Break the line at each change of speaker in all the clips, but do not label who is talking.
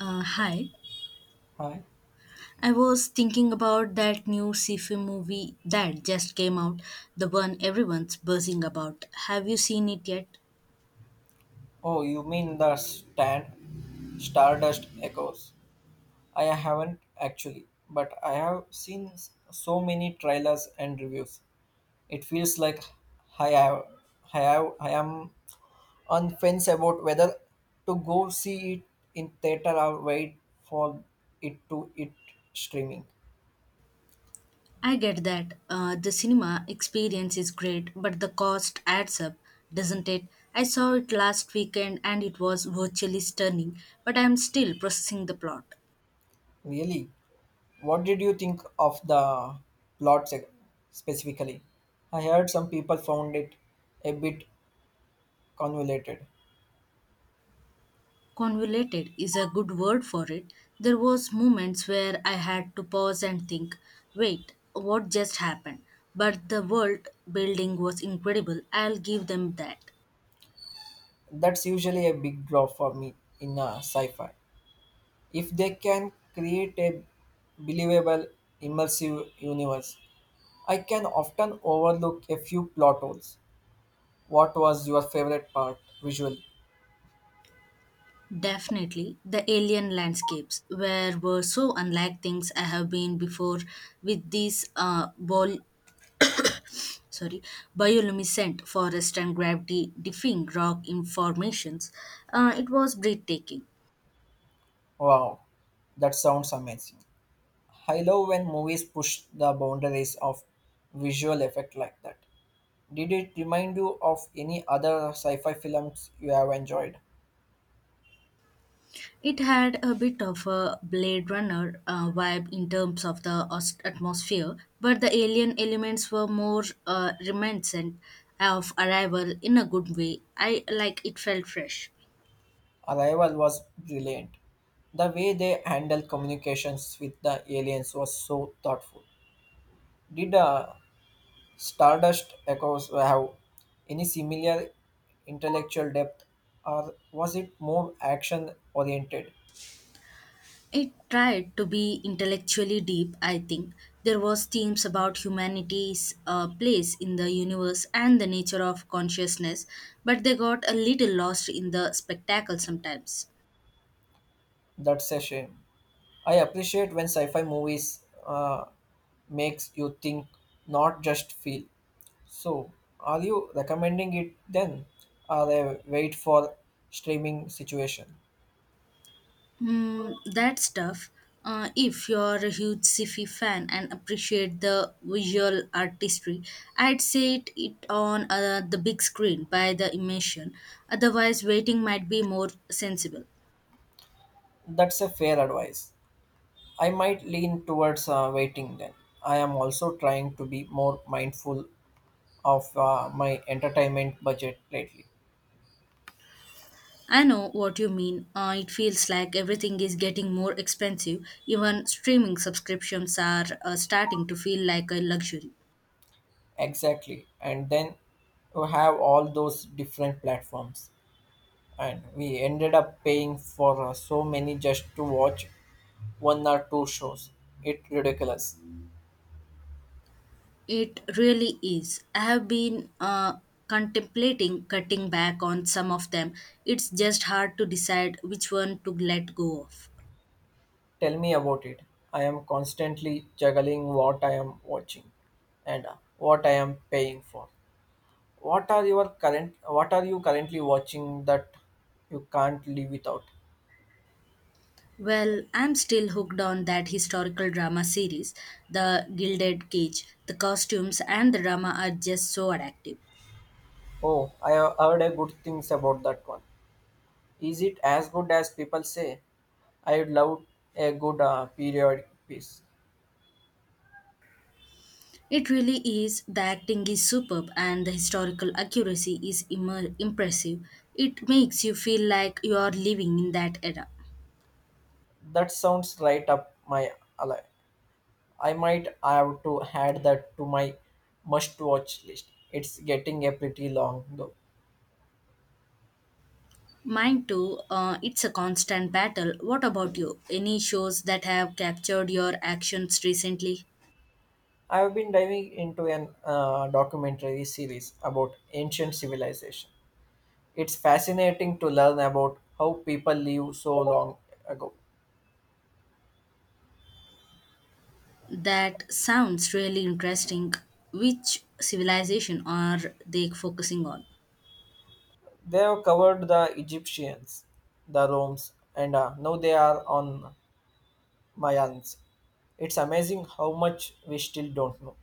Hi.
Right.
I was thinking about that new sci-fi movie that just came out, the one everyone's buzzing about. Have you seen it yet?
Oh, you mean the stand Stardust Echoes? I haven't actually, but I have seen so many trailers and reviews. It feels like I have, I am on fence about whether to go see it in theater or wait for it streaming.
I get that the cinema experience is great, but the cost adds up, doesn't it? I saw it last weekend and it was virtually stunning, but I am still processing the plot.
Really, what did you think of the plot specifically? I heard some people found it a bit convoluted.
Convoluted is a good word for it. There was moments where I had to pause and think, wait, what just happened? But the world building was incredible. I'll give them that.
That's usually a big draw for me in a sci-fi. If they can create a believable, immersive universe, I can often overlook a few plot holes. What was your favorite part visually?
Definitely, the alien landscapes were so unlike things I have been before with these ball sorry bioluminescent forest and gravity defying rock in formations, it was breathtaking.
Wow, that sounds amazing. I love when movies push the boundaries of visual effect like that. Did it remind you of any other sci-fi films you have enjoyed?
It had a bit of a Blade Runner vibe in terms of the atmosphere, but the alien elements were more reminiscent of Arrival in a good way. I like it felt fresh.
Arrival was brilliant. The way they handled communications with the aliens was so thoughtful. Did Stardust Echoes have any similar intellectual depth, or was it more action oriented?
It tried to be intellectually deep, I think. There was themes about humanity's place in the universe and the nature of consciousness, but they got a little lost in the spectacle sometimes.
That's a shame. I appreciate when sci-fi movies makes you think, not just feel. So, are you recommending it then, or a wait for streaming situation?
Hmm, that's tough. If you're a huge sci-fi fan and appreciate the visual artistry, I'd say it on the big screen by the immersion. Otherwise, waiting might be more sensible.
That's a fair advice. I might lean towards waiting then. I am also trying to be more mindful of my entertainment budget lately.
I know what you mean. It feels like everything is getting more expensive. Even streaming subscriptions are starting to feel like a luxury.
Exactly. And then you have all those different platforms. And we ended up paying for so many just to watch one or two shows. It's ridiculous.
It really is. I have been contemplating cutting back on some of them. It's just hard to decide which one to let go of.
Tell me about it. I am constantly juggling what I am watching and what I am paying for. What are you currently watching that you can't live without?
Well, I'm still hooked on that historical drama series, The Gilded Cage. The costumes and the drama are just so addictive.
Oh, I have heard a good things about that one. Is it as good as people say? I would love a good periodic piece.
It really is. The acting is superb and the historical accuracy is impressive. It makes you feel like you are living in that era.
That sounds right up my alley. I might have to add that to my must watch list. It's getting a pretty long though.
Mine too, it's a constant battle. What about you? Any shows that have captured your actions recently?
I have been diving into an documentary series about ancient civilization. It's fascinating to learn about how people lived so long ago.
That sounds really interesting. Which civilization are they focusing on?
They have covered the Egyptians, the Romans, and now they are on Mayans. It's amazing how much we still don't know.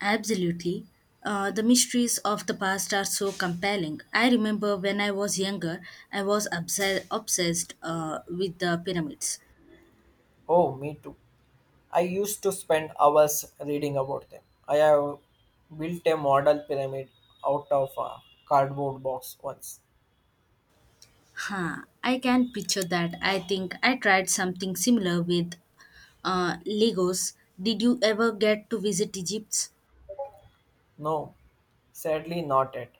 Absolutely. The mysteries of the past are so compelling. I remember when I was younger, I was obsessed with the pyramids.
Oh, me too. I used to spend hours reading about them. I have built a model pyramid out of a cardboard box once.
Huh, I can picture that. I think I tried something similar with Lagos. Did you ever get to visit Egypt?
No, sadly not yet.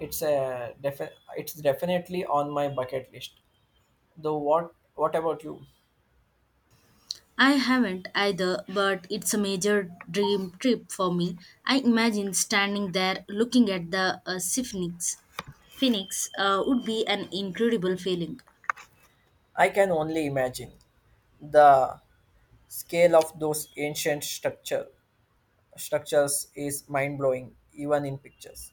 It's a it's definitely on my bucket list. Though what about you?
I haven't either, but it's a major dream trip for me. I imagine standing there looking at the Sphinx. Phoenix would be an incredible feeling.
I can only imagine the scale of those ancient structure structures is mind blowing even in pictures.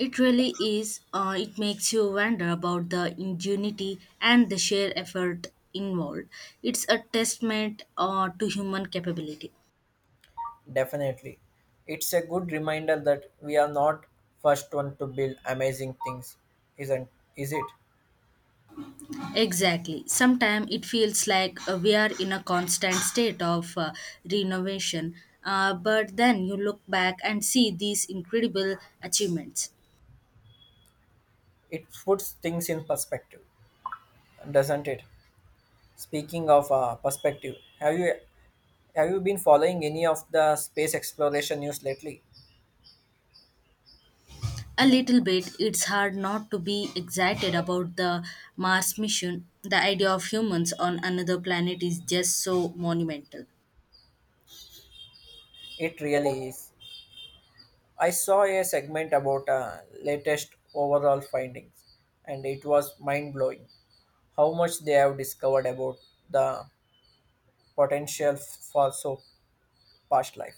It really is. It makes you wonder about the ingenuity and the sheer effort involved. It's a testament to human capability.
Definitely. It's a good reminder that we are not first one to build amazing things, isn't is it?
Exactly. Sometimes it feels like we are in a constant state of renovation, but then you look back and see these incredible achievements.
It puts things in perspective, doesn't it? Speaking of perspective, have you been following any of the space exploration news lately?
A little bit, it's hard not to be excited about the Mars mission. The idea of humans on another planet is just so monumental.
It really is. I saw a segment about latest overall findings, and it was mind blowing how much they have discovered about the potential for so past life.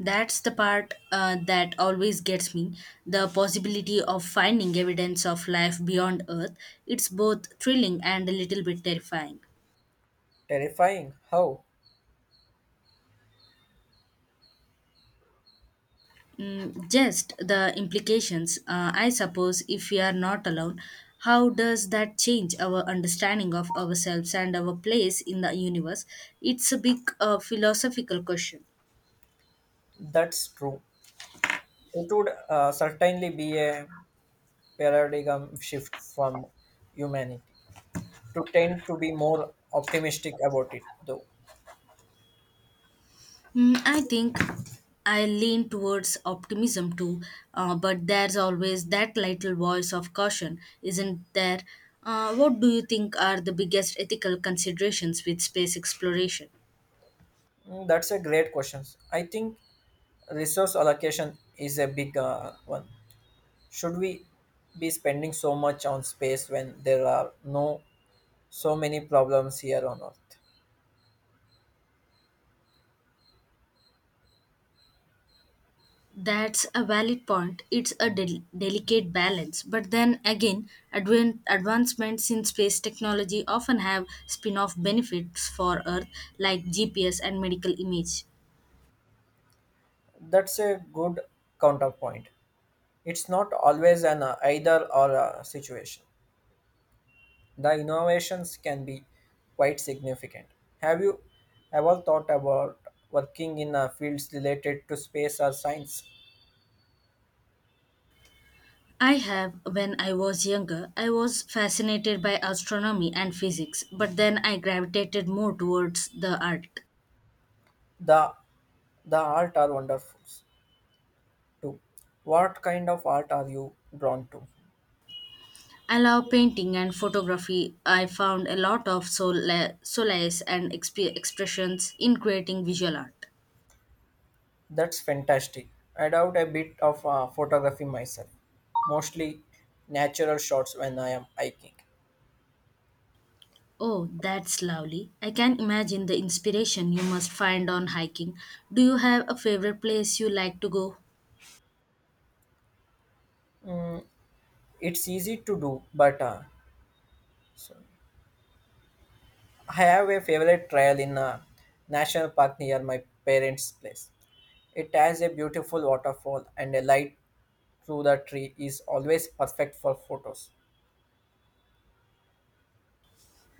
That's the part that always gets me the possibility of finding evidence of life beyond Earth. It's both thrilling and a little bit terrifying.
Terrifying how
Just the implications. I suppose if we are not alone, how does that change our understanding of ourselves and our place in the universe? It's a big philosophical question.
that's true. It would certainly be a paradigm shift from humanity to tend to be more optimistic about it, though.
I think I lean towards optimism too, but there's always that little voice of caution, isn't there? What do you think are the biggest ethical considerations with space exploration?
Mm, that's a great question. I think resource allocation is a big one. Should we be spending so much on space when there are no so many problems here on Earth?
That's a valid point. It's a delicate balance. But then again, advancements in space technology often have spin off benefits for Earth, like GPS and medical image.
That's a good counterpoint. It's not always an either or situation. The innovations can be quite significant. Have you ever thought about working in fields related to space or science?
I have, when I was younger, I was fascinated by astronomy and physics, but then I gravitated more towards the art.
The the art are wonderful too. What kind of art are you drawn to?
I love painting and photography. I found a lot of solace and expressions in creating visual art.
That's fantastic. I doubt a bit of photography myself, mostly natural shots when I am hiking.
Oh, that's lovely. I can imagine the inspiration you must find on hiking. Do you have a favorite place you like to go?
It's easy to do, but so I have a favorite trail in a national park near my parents' place. It has a beautiful waterfall, and a light through the tree is always perfect for photos.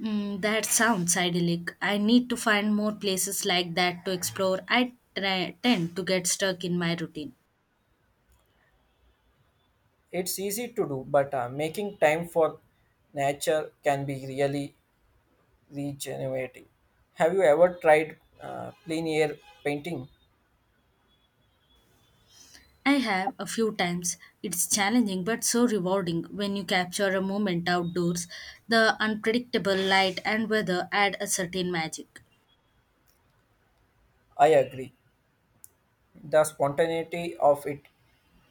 That sounds idyllic. I need to find more places like that to explore. Tend to get stuck in my routine.
It's easy to do, but making time for nature can be really regenerative. Have you ever tried plein air painting?
I have a few times. It's challenging but so rewarding when you capture a moment outdoors. The unpredictable light and weather add a certain magic.
I agree. The spontaneity of it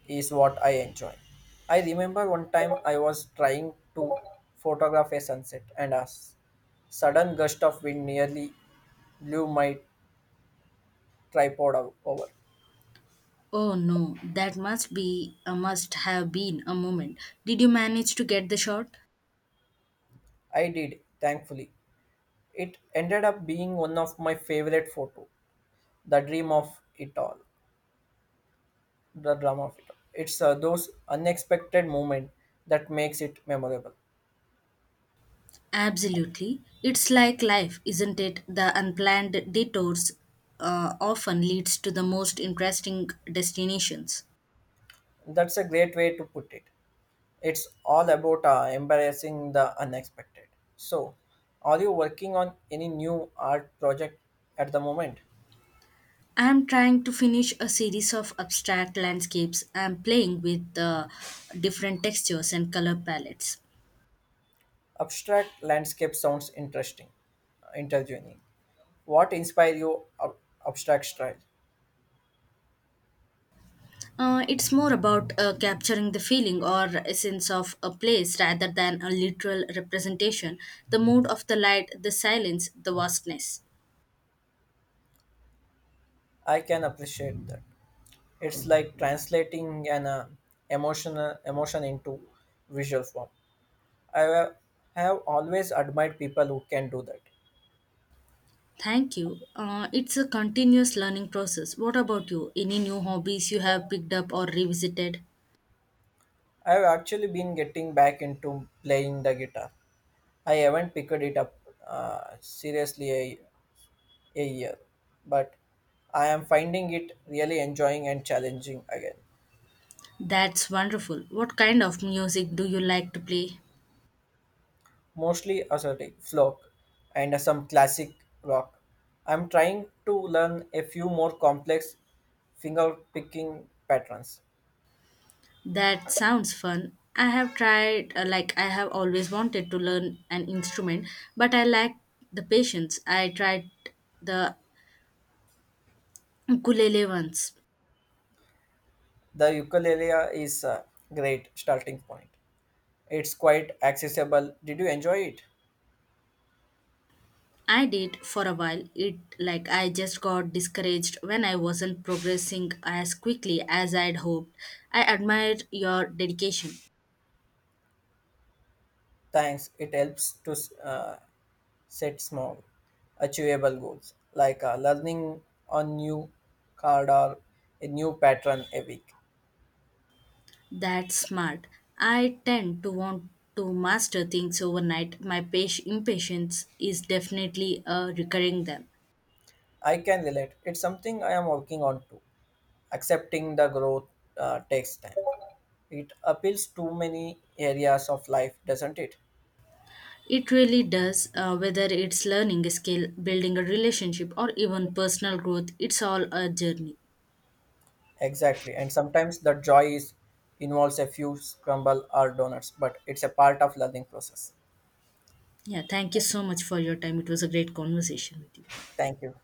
is what I enjoy. I remember one time I was trying to photograph a sunset, and a sudden gust of wind nearly blew my tripod over.
Oh no, that must be must have been a moment. Did you manage to get the shot?
I did, thankfully. It ended up being one of my favorite photos. The dream of it all, the drama of it. It's those unexpected moments that makes it memorable.
Absolutely. It's like life, isn't it? The unplanned detours often leads to the most interesting destinations.
That's a great way to put it. It's all about embarrassing the unexpected. So, are you working on any new art project at the moment?
I'm trying to finish a series of abstract landscapes. I'm playing with different textures and color palettes.
Abstract landscape sounds interesting, interviewing. What inspire you abstract style?
It's more about capturing the feeling or essence of a place rather than a literal representation, the mood of the light, the silence, the vastness.
I can appreciate that. It's like translating an emotion into visual form. I have, I have always admired people who can do that.
Thank you. It's a continuous learning process. What about you? Any new hobbies you have picked up or revisited?
I have actually been getting back into playing the guitar. I haven't picked it up seriously a year, but I am finding it really enjoying and challenging again.
That's wonderful. What kind of music do you like to play?
Mostly assertive folk and some classic rock. I'm trying to learn a few more complex finger picking patterns.
That sounds fun. I have always wanted to learn an instrument, but I lack the patience. I tried the Ukulele once.
The ukulele is a great starting point. It's quite accessible. Did you enjoy it?
I did for a while. It like I just got discouraged when I wasn't progressing as quickly as I'd hoped. I admired your dedication.
Thanks. It helps to uh, set small, achievable goals like learning a new card or a new pattern a week.
That's smart. I tend to want to master things overnight. My impatience is definitely a recurring them.
I can relate. It's something I am working on too. Accepting the growth takes time. It appeals to many areas of life, doesn't it?
It really does, whether it's learning a skill, building a relationship, or even personal growth, it's all a journey.
Exactly. And sometimes the joy is involves a few scramble or donuts, but it's a part of learning process.
Yeah, thank you so much for your time. It was a great conversation with you.
Thank you.